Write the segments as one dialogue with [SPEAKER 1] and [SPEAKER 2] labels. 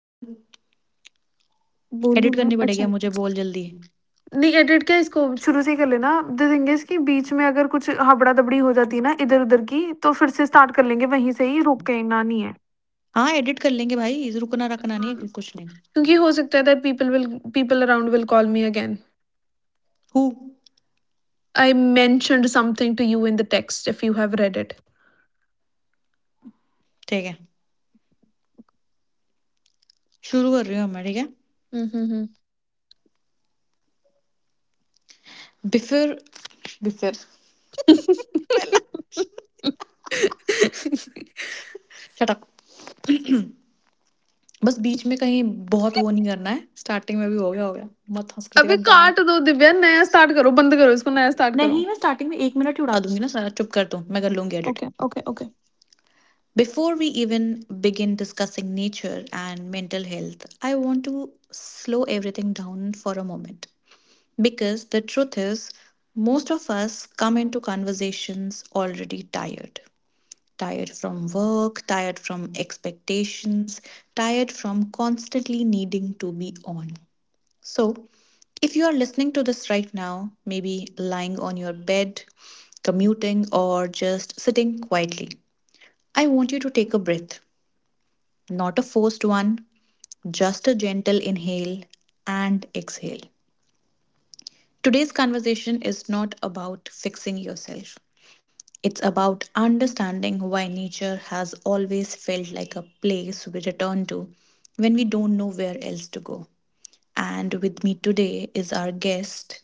[SPEAKER 1] बोल एडिट करनी पड़ेगी अब मुझे बोल जल्दी
[SPEAKER 2] नहीं एडिट क्या इसको शुरू से ही कर लेना द थिंग इज कि बीच में अगर कुछ हबड़ा दबड़ी हो जाती है ना इधर उधर की तो फिर से स्टार्ट कर लेंगे वहीं से ही रोक के ना नहीं है
[SPEAKER 1] हाँ एडिट कर लेंगे भाई रुकना रखना नहीं
[SPEAKER 2] हाँ,
[SPEAKER 1] है कि कुछ नहीं
[SPEAKER 2] क्योंकि हो सकता है that people will people around will call me again
[SPEAKER 1] who
[SPEAKER 2] I mentioned something to you in the text if you have read it
[SPEAKER 1] ठीक है शुरू कर रही हूँ मैं ठीक है बिफिर बिफिर पहला shut up. बस बीच में कहीं बहुत वो नहीं करना है स्टार्टिंग में भी हो गया मत हंस कर देगा
[SPEAKER 2] अबे
[SPEAKER 1] दांत
[SPEAKER 2] काट दो दिव्या नया स्टार्ट करो बंद करो इसको नया स्टार्ट करो
[SPEAKER 1] नहीं मैं स्टार्टिंग में एक मिनट ही उड़ा उड़ा दूंगी ना सारा चुप कर दूं मैं कर लूंगी edit Before we even begin discussing nature and mental health, I want to slow everything down for a moment. Because the truth is, most of us come into conversations already tired. Tired from work, tired from expectations, tired from constantly needing to be on. So, if you are listening to this right now, maybe lying on your bed, commuting, or just sitting quietly, I want you to take a breath. Not a forced one, just a gentle inhale and exhale. Today's conversation is not about fixing yourself. It's about understanding why nature has always felt like a place we return to when we don't know where else to go. And with me today is our guest,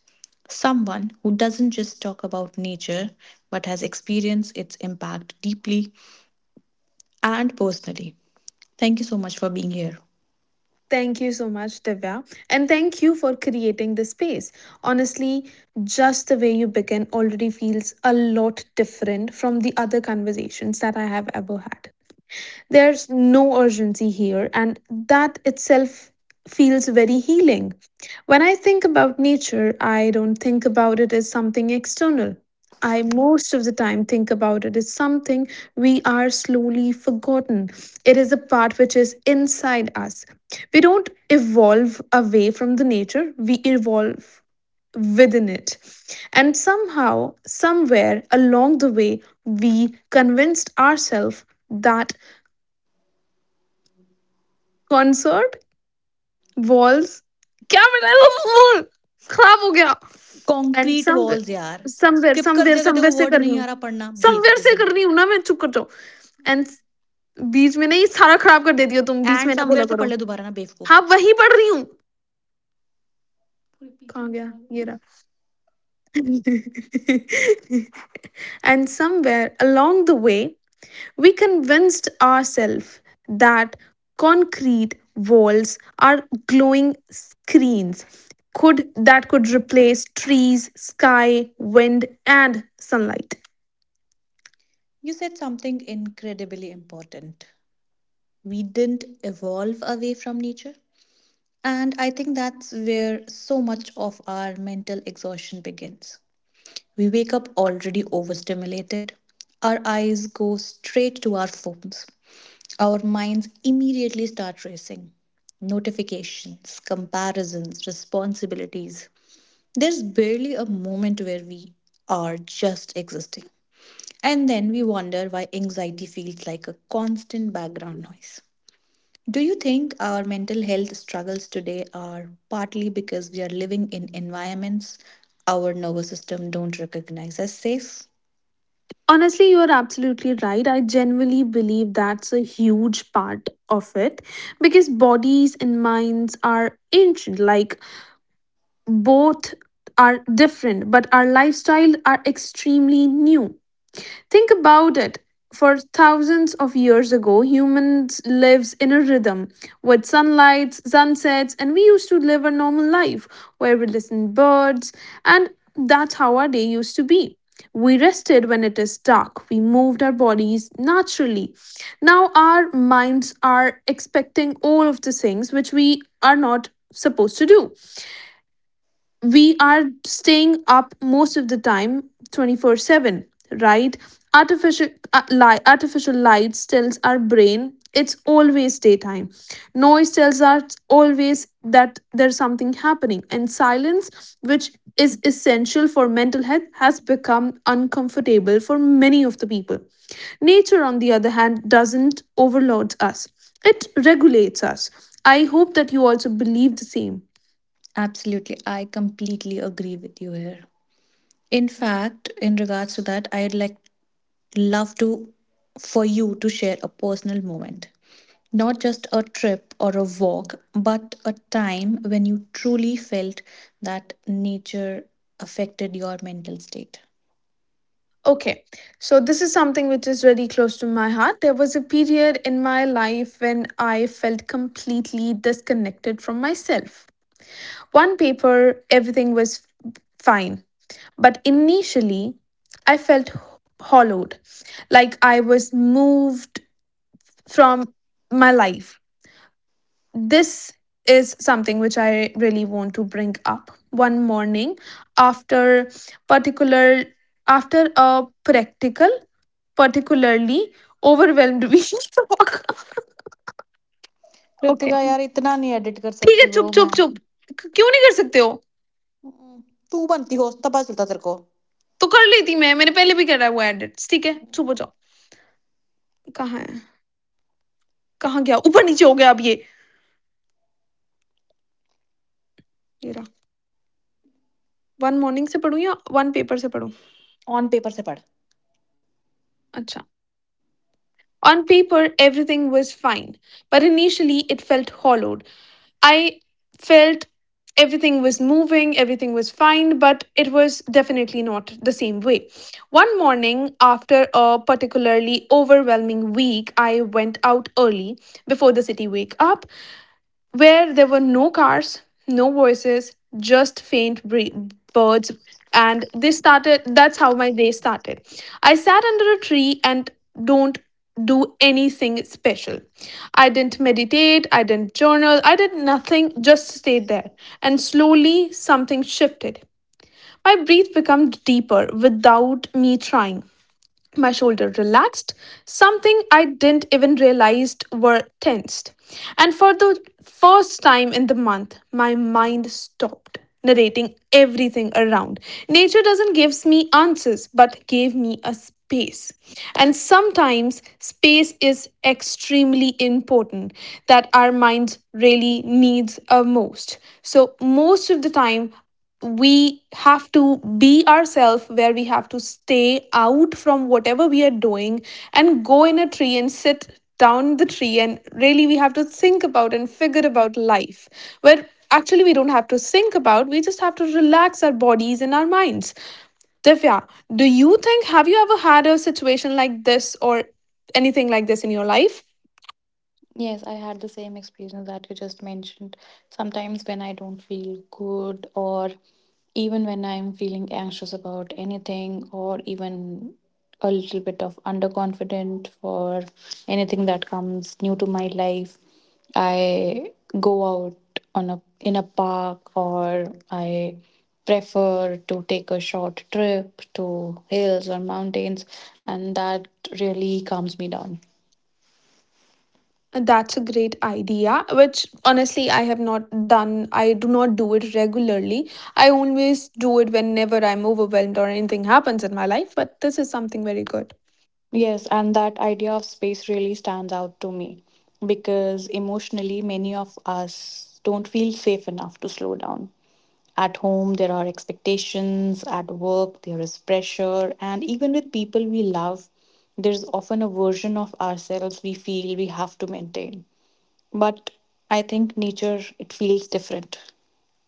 [SPEAKER 1] someone who doesn't just talk about nature but has experienced its impact deeply and personally. Thank you so much for being here.
[SPEAKER 2] Thank you so much, Divya. And thank you for creating this space. Honestly, just the way you begin already feels a lot different from the other conversations that I have ever had. There's no urgency here, and that itself feels very healing. When I think about nature, I don't think about it as something external. I most of the time think about it as something we are slowly forgotten. It is a part which is inside us. We don't evolve away from the nature, we evolve within it. And somehow, somewhere along the way, we convinced ourselves that concrete walls क्या बनाया वो खराब हो गया and
[SPEAKER 1] concrete walls यार
[SPEAKER 2] somewhere somewhere
[SPEAKER 1] स्किप कर
[SPEAKER 2] somewhere
[SPEAKER 1] दे अगर तेरे
[SPEAKER 2] समवेयर
[SPEAKER 1] को
[SPEAKER 2] से
[SPEAKER 1] वर्ड
[SPEAKER 2] कर रही
[SPEAKER 1] नहीं
[SPEAKER 2] हूँ
[SPEAKER 1] आरा पढ़ना
[SPEAKER 2] समवेयर से
[SPEAKER 1] बेवकूफ जन
[SPEAKER 2] कर रही हूँ ना मैं चुप कर जाओ एंड बीच में ना ये सारा खराब कर देती हो तुम बीच
[SPEAKER 1] एंड
[SPEAKER 2] में ना बोला
[SPEAKER 1] सैमवेयर से
[SPEAKER 2] करो
[SPEAKER 1] पढ़ ले दुबारा ना बेवकूफ
[SPEAKER 2] हाँ वही पढ़ रही हूँ
[SPEAKER 1] पूरे पीछे
[SPEAKER 2] कहाँ गया
[SPEAKER 1] उठा
[SPEAKER 2] ये
[SPEAKER 1] लें
[SPEAKER 2] रहा and somewhere along the way We convinced ourselves that concrete walls are glowing screens could that could replace trees, sky, wind and sunlight.
[SPEAKER 1] You said something incredibly important we didn't evolve away from nature and I think that's where so much of our mental exhaustion begins Our minds immediately start racing. Notifications, comparisons, responsibilities. There's barely a moment where we are just existing. And then we wonder why anxiety feels like a constant background noise. Do you think our mental health struggles today are partly because we are living in environments our nervous system don't recognize as safe?
[SPEAKER 2] Honestly, you are absolutely right. I genuinely believe that's a huge part of it because bodies and minds are ancient, like both are different, but our lifestyle are extremely new. Think about it. For thousands of years ago, humans lives in a rhythm with sunlight, sunsets, and we used to live a normal life where we listened birds, and that's how our day used to be. We rested when it is dark. We moved our bodies naturally. Now our minds are expecting all of the things which we are not supposed to do. We are staying up most of the time, 24/7, right? Artificial artificial lights tells our brain it's always daytime. Noise tells us always that there's something happening, and silence, which is essential for mental health, has become uncomfortable for many of the people. Nature, on the other hand, doesn't overload us, it regulates us. I hope that you also believe the same.
[SPEAKER 1] Absolutely, I completely agree with you here. In fact, in regards to that, I'd love to for you to share a personal moment. Not just a trip or a walk, but a time when you truly felt that nature affected your mental state.
[SPEAKER 2] Okay, so this is something which is really close to my heart. There was a period in my life when I felt completely disconnected from myself. One paper, everything was fine, but initially, I felt hollowed, like I was moved from my life. This is something which I really want to bring up. One morning, after particular after a practical particularly overwhelmed भी
[SPEAKER 1] कृतिका यार इतना नहीं edit कर
[SPEAKER 2] ठीक है
[SPEAKER 1] सकती
[SPEAKER 2] चुप
[SPEAKER 1] bro
[SPEAKER 2] चुप
[SPEAKER 1] मैं
[SPEAKER 2] चुप क- क्यों नहीं कर सकते हो
[SPEAKER 1] हम्म, तू बनती हो तब पता चलता तेरे को
[SPEAKER 2] तो कर लेती मैं मैंने पहले भी करा है वो एडिट्स ठीक है चुप हो जाओ कहाँ है कहाँ गया ऊपर नीचे हो गया अब ये ये रहा वन मॉर्निंग से पढूं या वन पेपर से पढूं
[SPEAKER 1] ऑन पेपर से पढ़
[SPEAKER 2] अच्छा On paper, everything was fine, but initially it felt hollowed. I felt everything was moving, everything was fine, but it was definitely not the same way. One morning, after a particularly overwhelming week, I went out early before the city wake up, where there were no cars, no voices, just birds. And they started, that's how my day started. I sat under a tree and don't do anything special. I didn't meditate, I didn't journal, I did nothing, just stayed there. And slowly something shifted. My breath became deeper without me trying. My shoulder relaxed, something I didn't even realize were tensed. And for the first time in the month, my mind stopped narrating everything around. Nature doesn't give me answers, but gave me a space. And sometimes space is extremely important that our minds really needs a most. So most of the time we have to be ourselves, where we have to stay out from whatever we are doing and go in a tree and sit down the tree, and really we have to think about and figure about life where actually we don't have to think about, we just have to relax our bodies and our minds. Divya, do you think, have you ever had a situation like this or anything like this in your life?
[SPEAKER 1] Yes, I had the same experience that you just mentioned. Sometimes when I don't feel good, or even when I'm feeling anxious about anything, or even a little bit of underconfident for anything that comes new to my life, I go out on a in a park or I prefer to take a short trip to hills or mountains and that really calms me down.
[SPEAKER 2] That's a great idea, which honestly I have not done. I do not do it regularly. I always do it whenever I'm overwhelmed or anything happens in my life, but this is something very good.
[SPEAKER 1] Yes, and that idea of space really stands out to me because emotionally, many of us don't feel safe enough to slow down. At home, there are expectations, at work, there is pressure, and even with people we love, there's often a version of ourselves we feel we have to maintain. But I think nature, it feels different.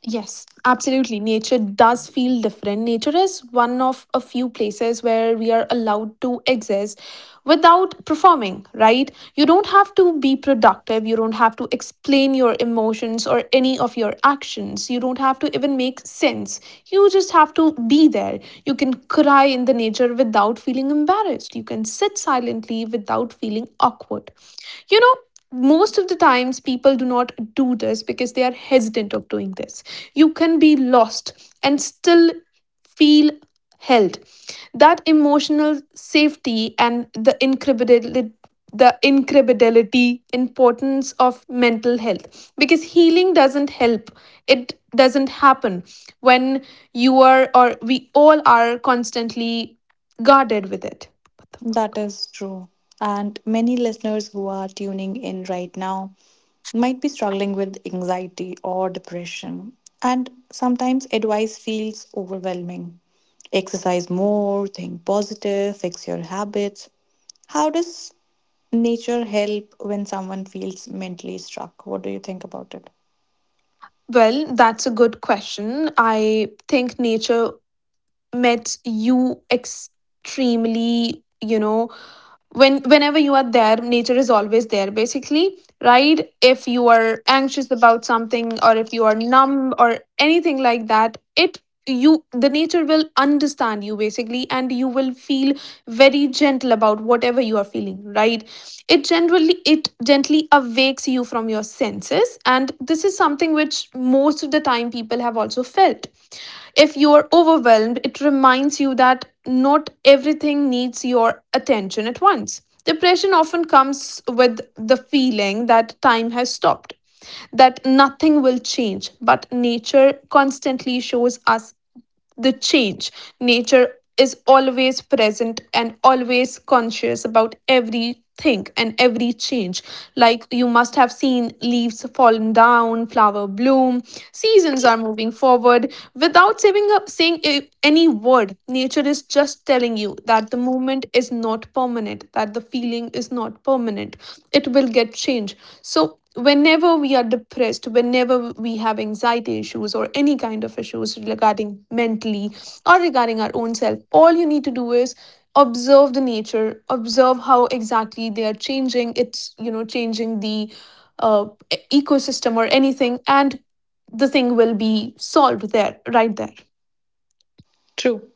[SPEAKER 2] Yes, absolutely. Nature does feel different. Nature is one of a few places where we are allowed to exist without performing, right? You don't have to be productive. You don't have to explain your emotions or any of your actions. You don't have to even make sense. You just have to be there. You can cry in the nature without feeling embarrassed. You can sit silently without feeling awkward. You know, most of the times people do not do this because they are hesitant of doing this. You can be lost and still feel held, that emotional safety and the incredibility, the incredibility importance of mental health, because healing doesn't help, it doesn't happen when you are, or we all are constantly guarded with it. What the
[SPEAKER 1] That
[SPEAKER 2] fuck?
[SPEAKER 1] is true. And many listeners who are tuning in right now might be struggling with anxiety or depression. And sometimes advice feels overwhelming. Exercise more, think positive, fix your habits. How does nature help when someone feels mentally struck? What do you think about it?
[SPEAKER 2] Well, that's a good question. I think nature met you extremely, you know, when whenever you are there, nature is always there, basically, right? If you are anxious about something, or if you are numb or anything like that, it, you, the nature will understand you, basically, and you will feel very gentle about whatever you are feeling, right? It generally, it gently awakes you from your senses, and this is something which most of the time people have also felt. If you are overwhelmed, it reminds you that not everything needs your attention at once. Depression often comes with the feeling that time has stopped, that nothing will change, but nature constantly shows us the change. Nature is always present and always conscious about everything and every change. Like you must have seen leaves falling down, flower bloom, seasons are moving forward without saving up saying using a, any word, nature is just telling you that the moment is not permanent, that the feeling is not permanent. It will get changed. So, whenever we are depressed, whenever we have anxiety issues or any kind of issues regarding mentally or regarding our own self, all you need to do is observe the nature, observe how exactly they are changing. It's, you know, changing the uh, ecosystem or anything, and the thing will be solved there, right there.
[SPEAKER 1] True.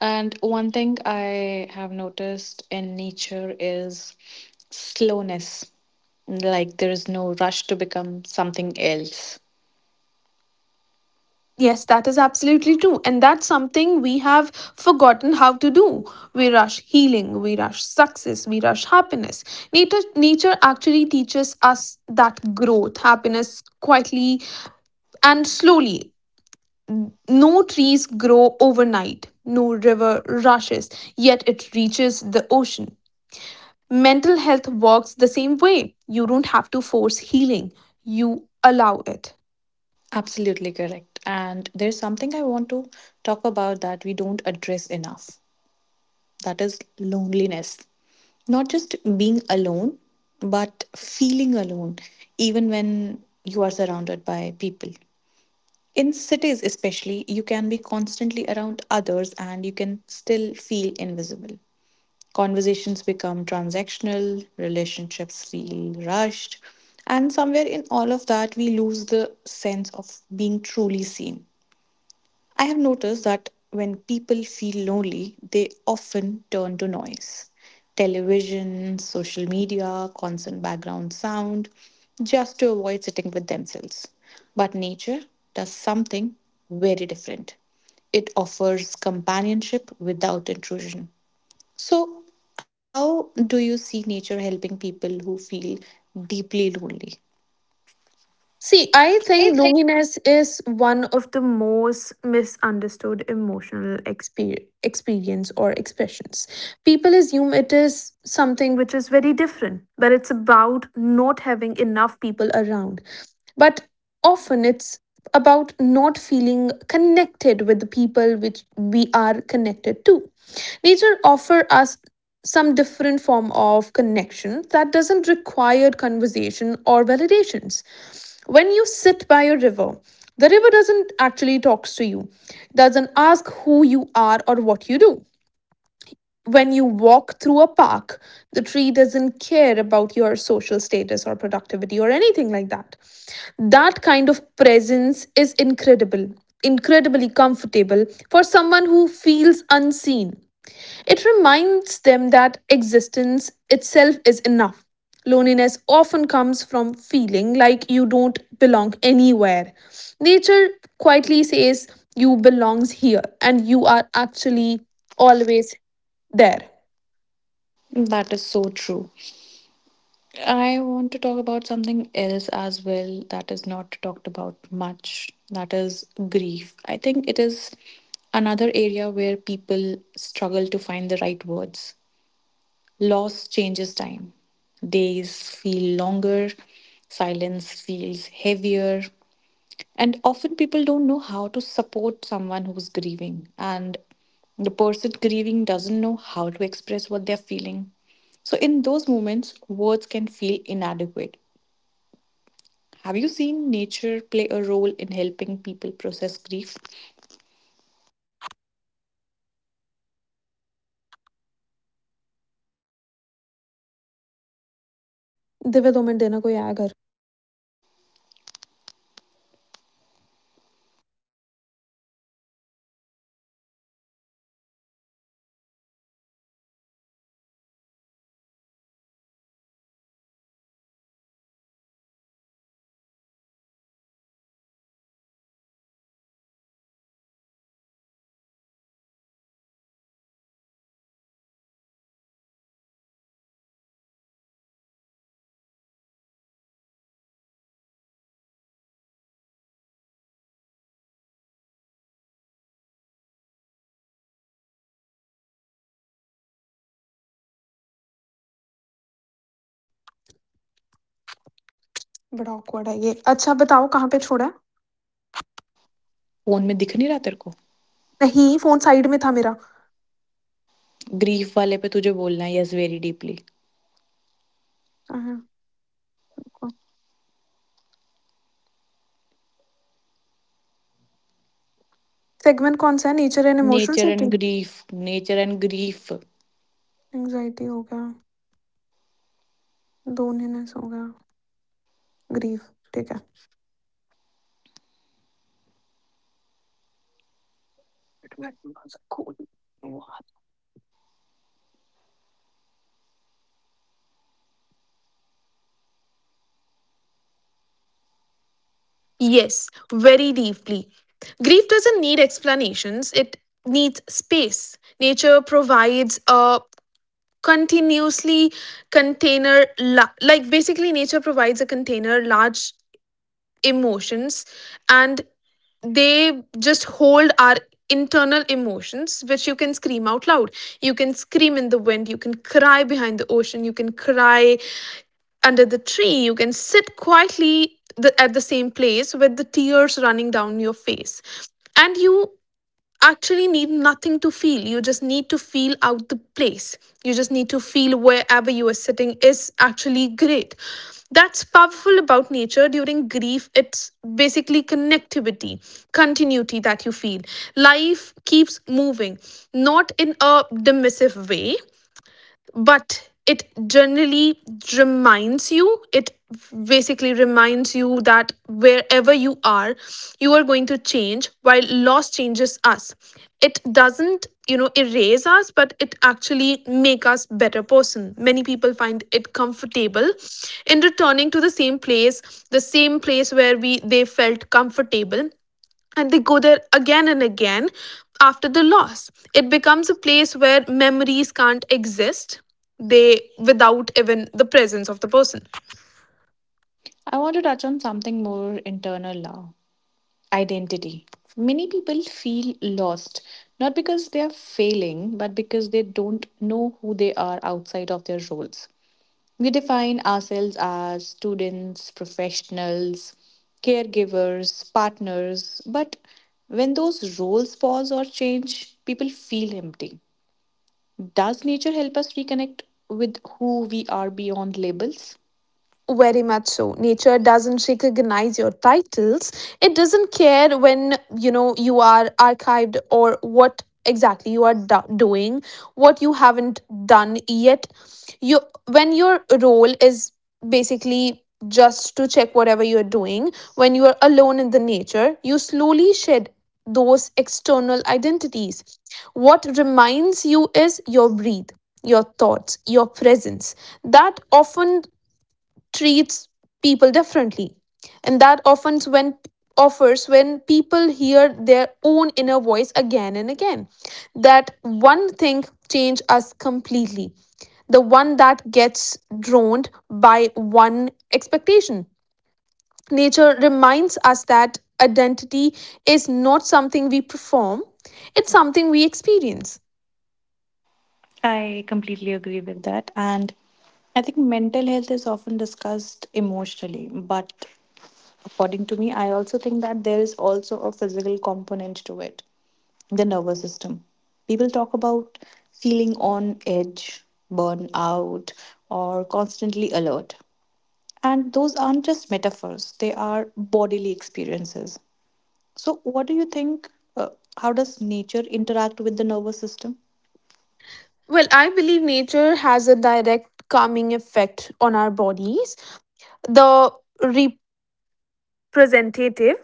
[SPEAKER 1] And one thing I have noticed in nature is slowness. Like there is no rush to become something else.
[SPEAKER 2] Yes, that is absolutely true. And that's something we have forgotten how to do. We rush healing, we rush success, we rush happiness. Nature, nature actually teaches us that growth, happiness quietly and slowly. No trees grow overnight, no river rushes, yet it reaches the ocean. Mental health works the same way. You don't have to force healing, you allow it.
[SPEAKER 1] Absolutely correct. And there's something I want to talk about that we don't address enough. That is loneliness. Not just being alone, but feeling alone, even when you are surrounded by people. In cities, especially, you can be constantly around others and you can still feel invisible. Conversations become transactional, relationships feel rushed, and somewhere in all of that, we lose the sense of being truly seen. I have noticed that when people feel lonely, they often turn to noise. Television, social media, constant background sound, just to avoid sitting with themselves. But nature does something very different. It offers companionship without intrusion. So, how do you see nature helping people who feel deeply lonely?
[SPEAKER 2] See, I think loneliness is one of the most misunderstood emotional experience or expressions. People assume it is something which is very different, but it's about not having enough people around. But often it's about not feeling connected with the people which we are connected to. Nature offer us some different form of connection that doesn't require conversation or validations. When you sit by a river, the river doesn't actually talk to you, doesn't ask who you are or what you do. When you walk through a park, the tree doesn't care about your social status or productivity or anything like that. That kind of presence is incredibly comfortable for someone who feels unseen. It reminds them that existence itself is enough. Loneliness often comes from feeling like you don't belong anywhere. Nature quietly says you belongs here and you are actually always there.
[SPEAKER 1] That is so true. I want to talk about something else as well that is not talked about much. That is grief. I think it is another area where people struggle to find the right words. Loss changes time. Days feel longer, silence feels heavier, and often people don't know how to support someone who's grieving. And the person grieving doesn't know how to express what they're feeling. So, in those moments, words can feel inadequate. Have you seen nature play a role in helping people process grief?
[SPEAKER 2] Divya दो minute देना कोई आया घर बड़ा awkward है ये अच्छा बताओ कहाँ पे छोड़ा है
[SPEAKER 1] Phone me, दिखा नहीं रहा तेरे को.
[SPEAKER 2] नहीं फोन साइड में था मेरा
[SPEAKER 1] Grief वाले पे तुझे बोलना है Yes, very deeply.
[SPEAKER 2] सेगमेंट कौन सा है nature and emotional
[SPEAKER 1] Nature
[SPEAKER 2] safety
[SPEAKER 1] and grief. Nature and grief.
[SPEAKER 2] Anxiety हो गया लोनलीनेस हो गया ग्रीफ ठीक है Yes, very deeply. Grief doesn't need explanations, it needs space. Nature provides a continuously container, like basically, nature provides a container, large emotions, and they just hold our internal emotions, which you can scream out loud, you can scream in the wind, you can cry behind the ocean, you can cry under the tree, you can sit quietly, the, at the same place with the tears running down your face, and you actually need nothing to feel. You just need to feel out the place. You just need to feel wherever you are sitting is actually great. That's powerful about nature during grief. It's basically connectivity, continuity that you feel. Life keeps moving, not in a dismissive way, but it generally reminds you it basically reminds you that wherever you are going to change. While loss changes us, it doesn't, you know, erase us, but it actually make us better person. Many people find it comfortable in returning to the same place, the same place where we they felt comfortable, and they go there again and again. After the loss it becomes a place where memories can't exist, they without even the presence of the person.
[SPEAKER 1] I want to touch on something more internal now. Identity. Many people feel lost, not because they are failing, but because they don't know who they are outside of their roles. We define ourselves as students, professionals, caregivers, partners, but when those roles pause or change, people feel empty. Does nature help us reconnect with who we are beyond labels?
[SPEAKER 2] Very much so. Nature doesn't recognize your titles. It doesn't care when, you know, you are archived or what exactly you are doing, what you haven't done yet. You when your role is basically just to check whatever you're doing, when you are alone in the nature, you slowly shed those external identities. What reminds you is your breathe, your thoughts, your presence that often treats people differently, and that often when offers when people hear their own inner voice again and again, that one thing change us completely, the one that gets drowned by one expectation. Nature reminds us that identity is not something we perform, it's something we experience.
[SPEAKER 1] I completely agree with that. And I think mental health is often discussed emotionally, but according to me, I also think that there is also a physical component to it. The nervous system. People talk about feeling on edge, burnout, or constantly alert. And those aren't just metaphors, they are bodily experiences. So, what do you think? Uh, how does nature interact with the nervous system?
[SPEAKER 2] Well, I believe nature has a direct calming effect on our bodies. The re- Presentative?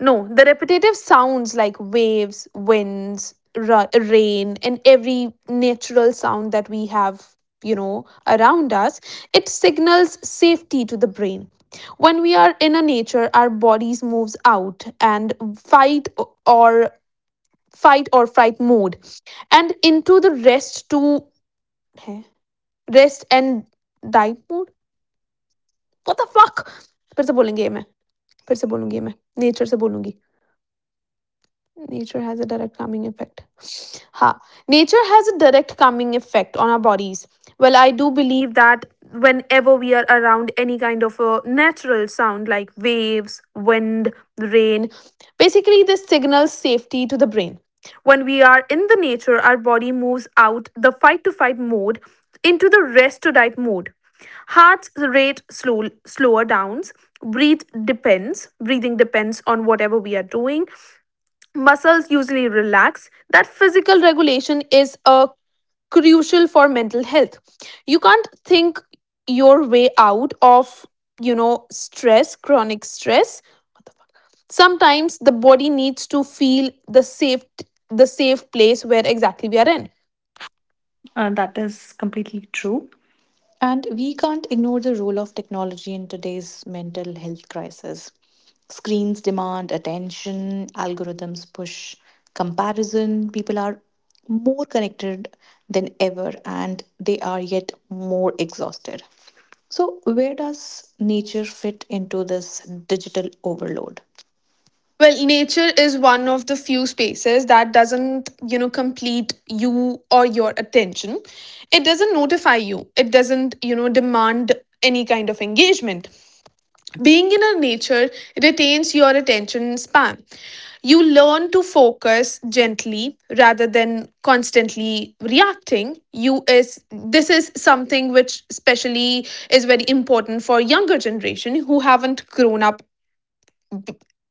[SPEAKER 2] No, the repetitive sounds like waves, winds, rain, and every natural sound that we have, you know, around us, it signals safety to the brain. When we are in a nature, our bodies moves out and fight or fight or fright mode, and into the rest to है? Rest and die mode. What the fuck? फिर से बोलेंगे ये मैं फिर से बोलूंगी ये मैं, Nature नेचर से बोलूंगी. Nature has a direct calming effect. Ha. Nature has a direct calming effect on our bodies. Well, I do believe that whenever we are around any kind of a natural sound like waves, wind, rain, basically this signals safety to the brain. When we are in the nature, our body moves out the fight to fight mode into the rest to diet mode. Heart's rate slow, slower downs. Breathe depends. Breathing depends on whatever we are doing. Muscles usually relax. That physical regulation is a crucial for mental health. You can't think your way out of, you know, stress, chronic stress. What the fuck? Sometimes the body needs to feel the safe, the safe place where exactly we are in.
[SPEAKER 1] That is completely true. And we can't ignore the role of technology in today's mental health crisis. Screens demand attention, algorithms push comparison. People are more connected than ever and they are yet more exhausted. So, where does nature fit into this digital overload?
[SPEAKER 2] Well, nature is one of the few spaces that doesn't, you know, complete you or your attention. It doesn't notify you. It doesn't, you know, demand any kind of engagement. Being in a nature retains your attention span. You learn to focus gently rather than constantly reacting. You is this is something which especially is very important for younger generation who haven't grown up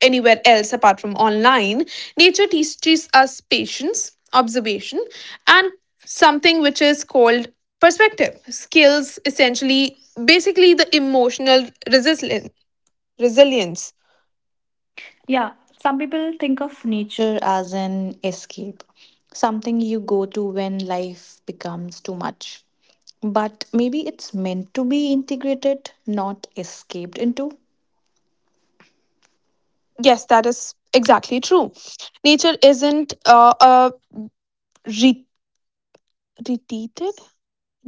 [SPEAKER 2] anywhere else apart from online. Nature teaches us patience, observation, and something which is called perspective. Skills essentially basically the emotional resilience.
[SPEAKER 1] Yeah, some people think of nature as an escape, something you go to when life becomes too much. But maybe it's meant to be integrated, not escaped into.
[SPEAKER 2] Yes, that is exactly true. Nature isn't re- repeated.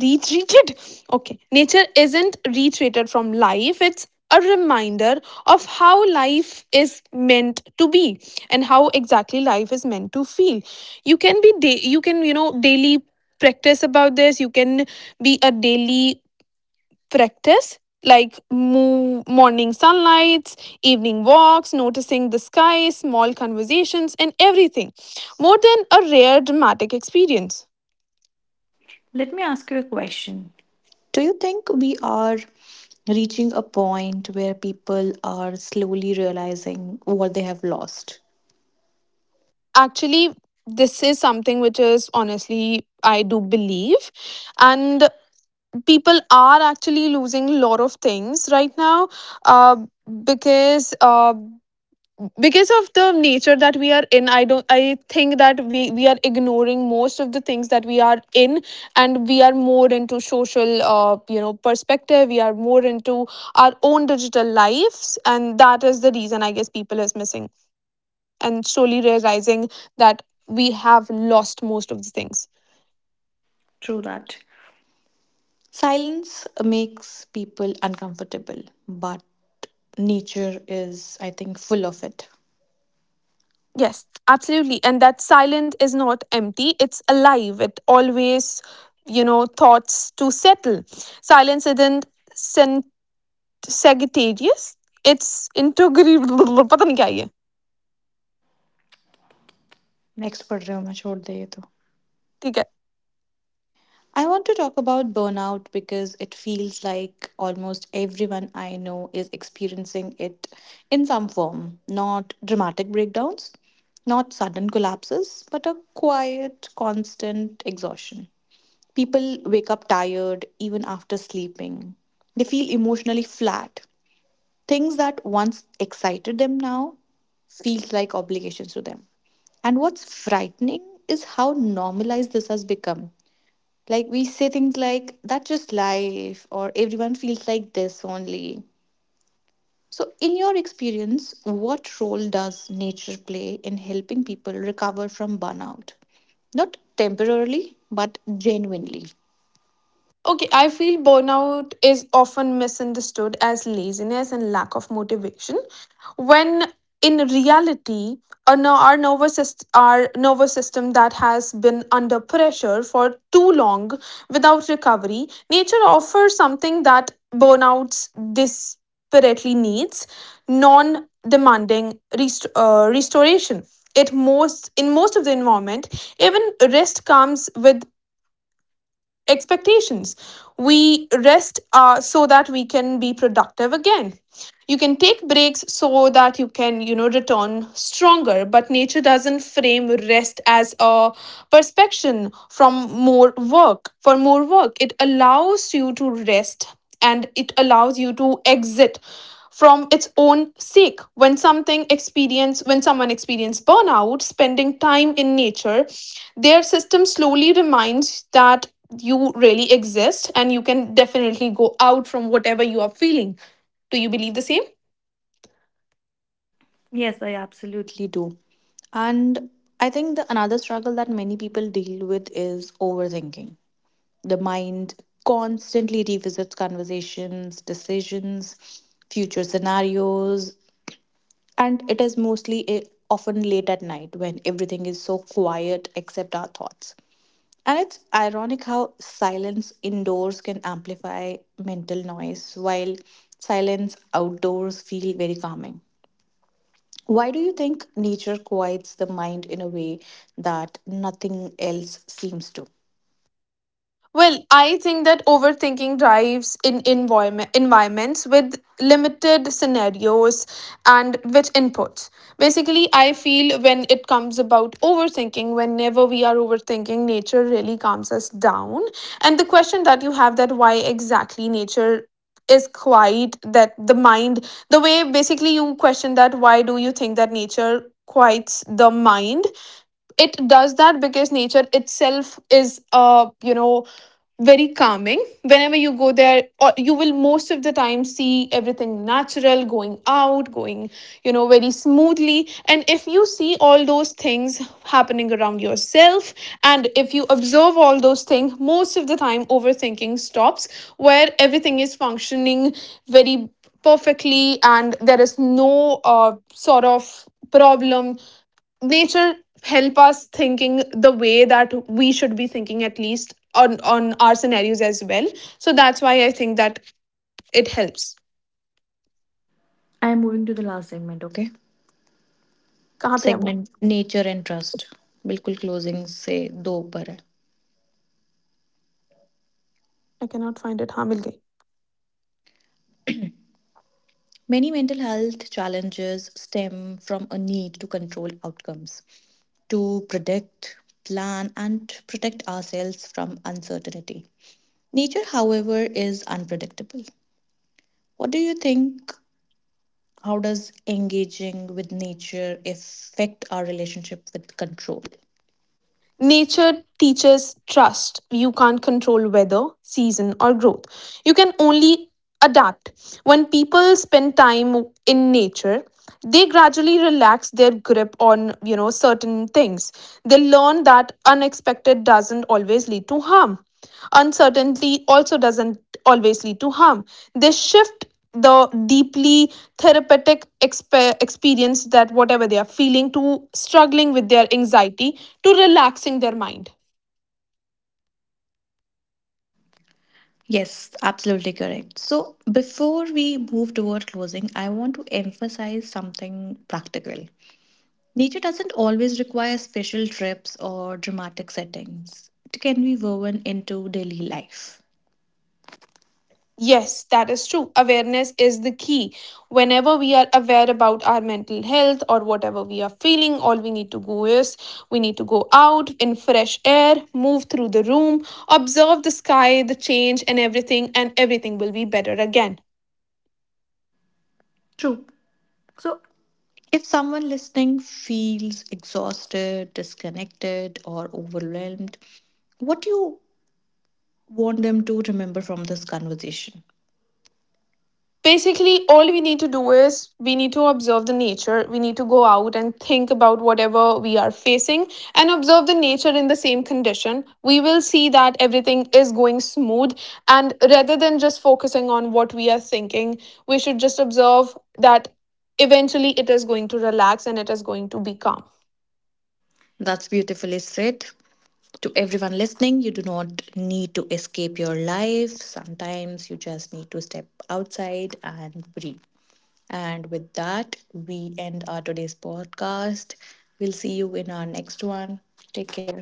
[SPEAKER 2] Retreated. Okay, nature isn't retreated from life, it's a reminder of how life is meant to be and how exactly life is meant to feel. You can be you can, you know, daily practice about this. You can be a daily practice like move, morning sunlights, evening walks, noticing the sky, small conversations and everything, more than a rare dramatic experience.
[SPEAKER 1] Let me ask you a question. Do you think we are reaching a point where people are slowly realizing what they have lost?
[SPEAKER 2] Actually, this is something which is honestly I do believe, and people are actually losing a lot of things right now, uh, because uh, because of the nature that we are in. I don't, I think that we are ignoring most of the things that we are in, and we are more into social, you know, perspective. We are more into our own digital lives, and that is the reason I guess people is missing and slowly realizing that we have lost most of the things.
[SPEAKER 1] True that. Silence makes people uncomfortable, but nature is, I think, full of it.
[SPEAKER 2] Yes, absolutely. And that silent is not empty, it's alive. It always, you know, thoughts to settle. Silence isn't sen- sagittarius, it's integrable. पता नहीं क्या है ये.
[SPEAKER 1] Next पढ़ रहे हो मैं छोड़ दे ये तो
[SPEAKER 2] ठीक है.
[SPEAKER 1] I want to talk about burnout because it feels like almost everyone I know is experiencing it in some form. Not dramatic breakdowns, not sudden collapses, but a quiet, constant exhaustion. People wake up tired even after sleeping. They feel emotionally flat. Things that once excited them now feels like obligations to them. And what's frightening is how normalized this has become. Like we say things like that's just life or everyone feels like this only. So in your experience, what role does nature play in helping people recover from burnout? Not temporarily, but genuinely.
[SPEAKER 2] Okay, I feel burnout is often misunderstood as laziness and lack of motivation, when in reality a our our nervous system that has been under pressure for too long without recovery. Nature offers something that burnouts desperately needs, non demanding restoration. It most in most of the environment, even rest comes with expectations. We rest, so that we can be productive again. You can take breaks so that you can, you know, return stronger. But nature doesn't frame rest as a perspection from more work. For more work, it allows you to rest and it allows you to exit from its own sake. When something experience when someone experience burnout, spending time in nature, their system slowly reminds that you really exist and you can definitely go out from whatever you are feeling. Do you believe the same?
[SPEAKER 1] Yes, I absolutely do. And I think the another struggle that many people deal with is overthinking. The mind constantly revisits conversations, decisions, future scenarios, and it is mostly often late at night when everything is so quiet except our thoughts. And it's ironic how silence indoors can amplify mental noise, while silence outdoors feel very calming. Why do you think nature quiets the mind in a way that nothing else seems to?
[SPEAKER 2] Well, I think that overthinking drives in environments with limited scenarios and which inputs. Basically, I feel when it comes about overthinking, whenever we are overthinking, nature really calms us down. And the question that you have that why exactly nature is quiet, that the mind, the way basically you question that why do you think that nature quiets the mind, it does that because nature itself is, uh, you know, very calming. Whenever you go there or you will most of the time see everything natural going out going, you know, very smoothly, and if you see all those things happening around yourself, and if you observe all those things, most of the time overthinking stops where everything is functioning very perfectly and there is no, sort of problem. Nature help us thinking the way that we should be thinking, at least on our scenarios as well. So that's why I think that it helps.
[SPEAKER 1] I am moving to the last segment, okay?
[SPEAKER 2] Kahan pe hai wo?
[SPEAKER 1] Segment nature and trust बिल्कुल closing से दो ऊपर है
[SPEAKER 2] I cannot find it. हाँ Mil गई.
[SPEAKER 1] Many mental health challenges stem from a need to control outcomes, to predict plan and protect ourselves from uncertainty nature however is unpredictable what do you think? How does engaging with nature affect our relationship with control?
[SPEAKER 2] Nature teaches trust. You can't control weather, season, or growth. You can only adapt. When people spend time in nature, they gradually relax their grip on, you know, certain things. They learn that unexpected doesn't always lead to harm, uncertainty also doesn't always lead to harm. They shift the deeply therapeutic experience that whatever they are feeling to struggling with their anxiety to relaxing their mind.
[SPEAKER 1] Yes, absolutely correct. So, before we move toward closing, I want to emphasize something practical. Nature doesn't always require special trips or dramatic settings, it can be woven into daily life.
[SPEAKER 2] Yes, that is true. Awareness is the key. Whenever we are aware about our mental health or whatever we are feeling, all we need to go is we need to go out in fresh air, move through the room, observe the sky, the change, and everything will be better again.
[SPEAKER 1] True. So, if someone listening feels exhausted, disconnected, or overwhelmed, what do you want them to remember from this conversation?
[SPEAKER 2] Basically, all we need to do is we need to observe the nature. We need to go out and think about whatever we are facing and observe the nature in the same condition. We will see that everything is going smooth, and rather than just focusing on what we are thinking, we should just observe that eventually it is going to relax and it is going to be calm.
[SPEAKER 1] That's beautifully said. To everyone listening, you do not need to escape your life. Sometimes you just need to step outside and breathe. And with that, we end our today's podcast. We'll see you in our next one. Take care.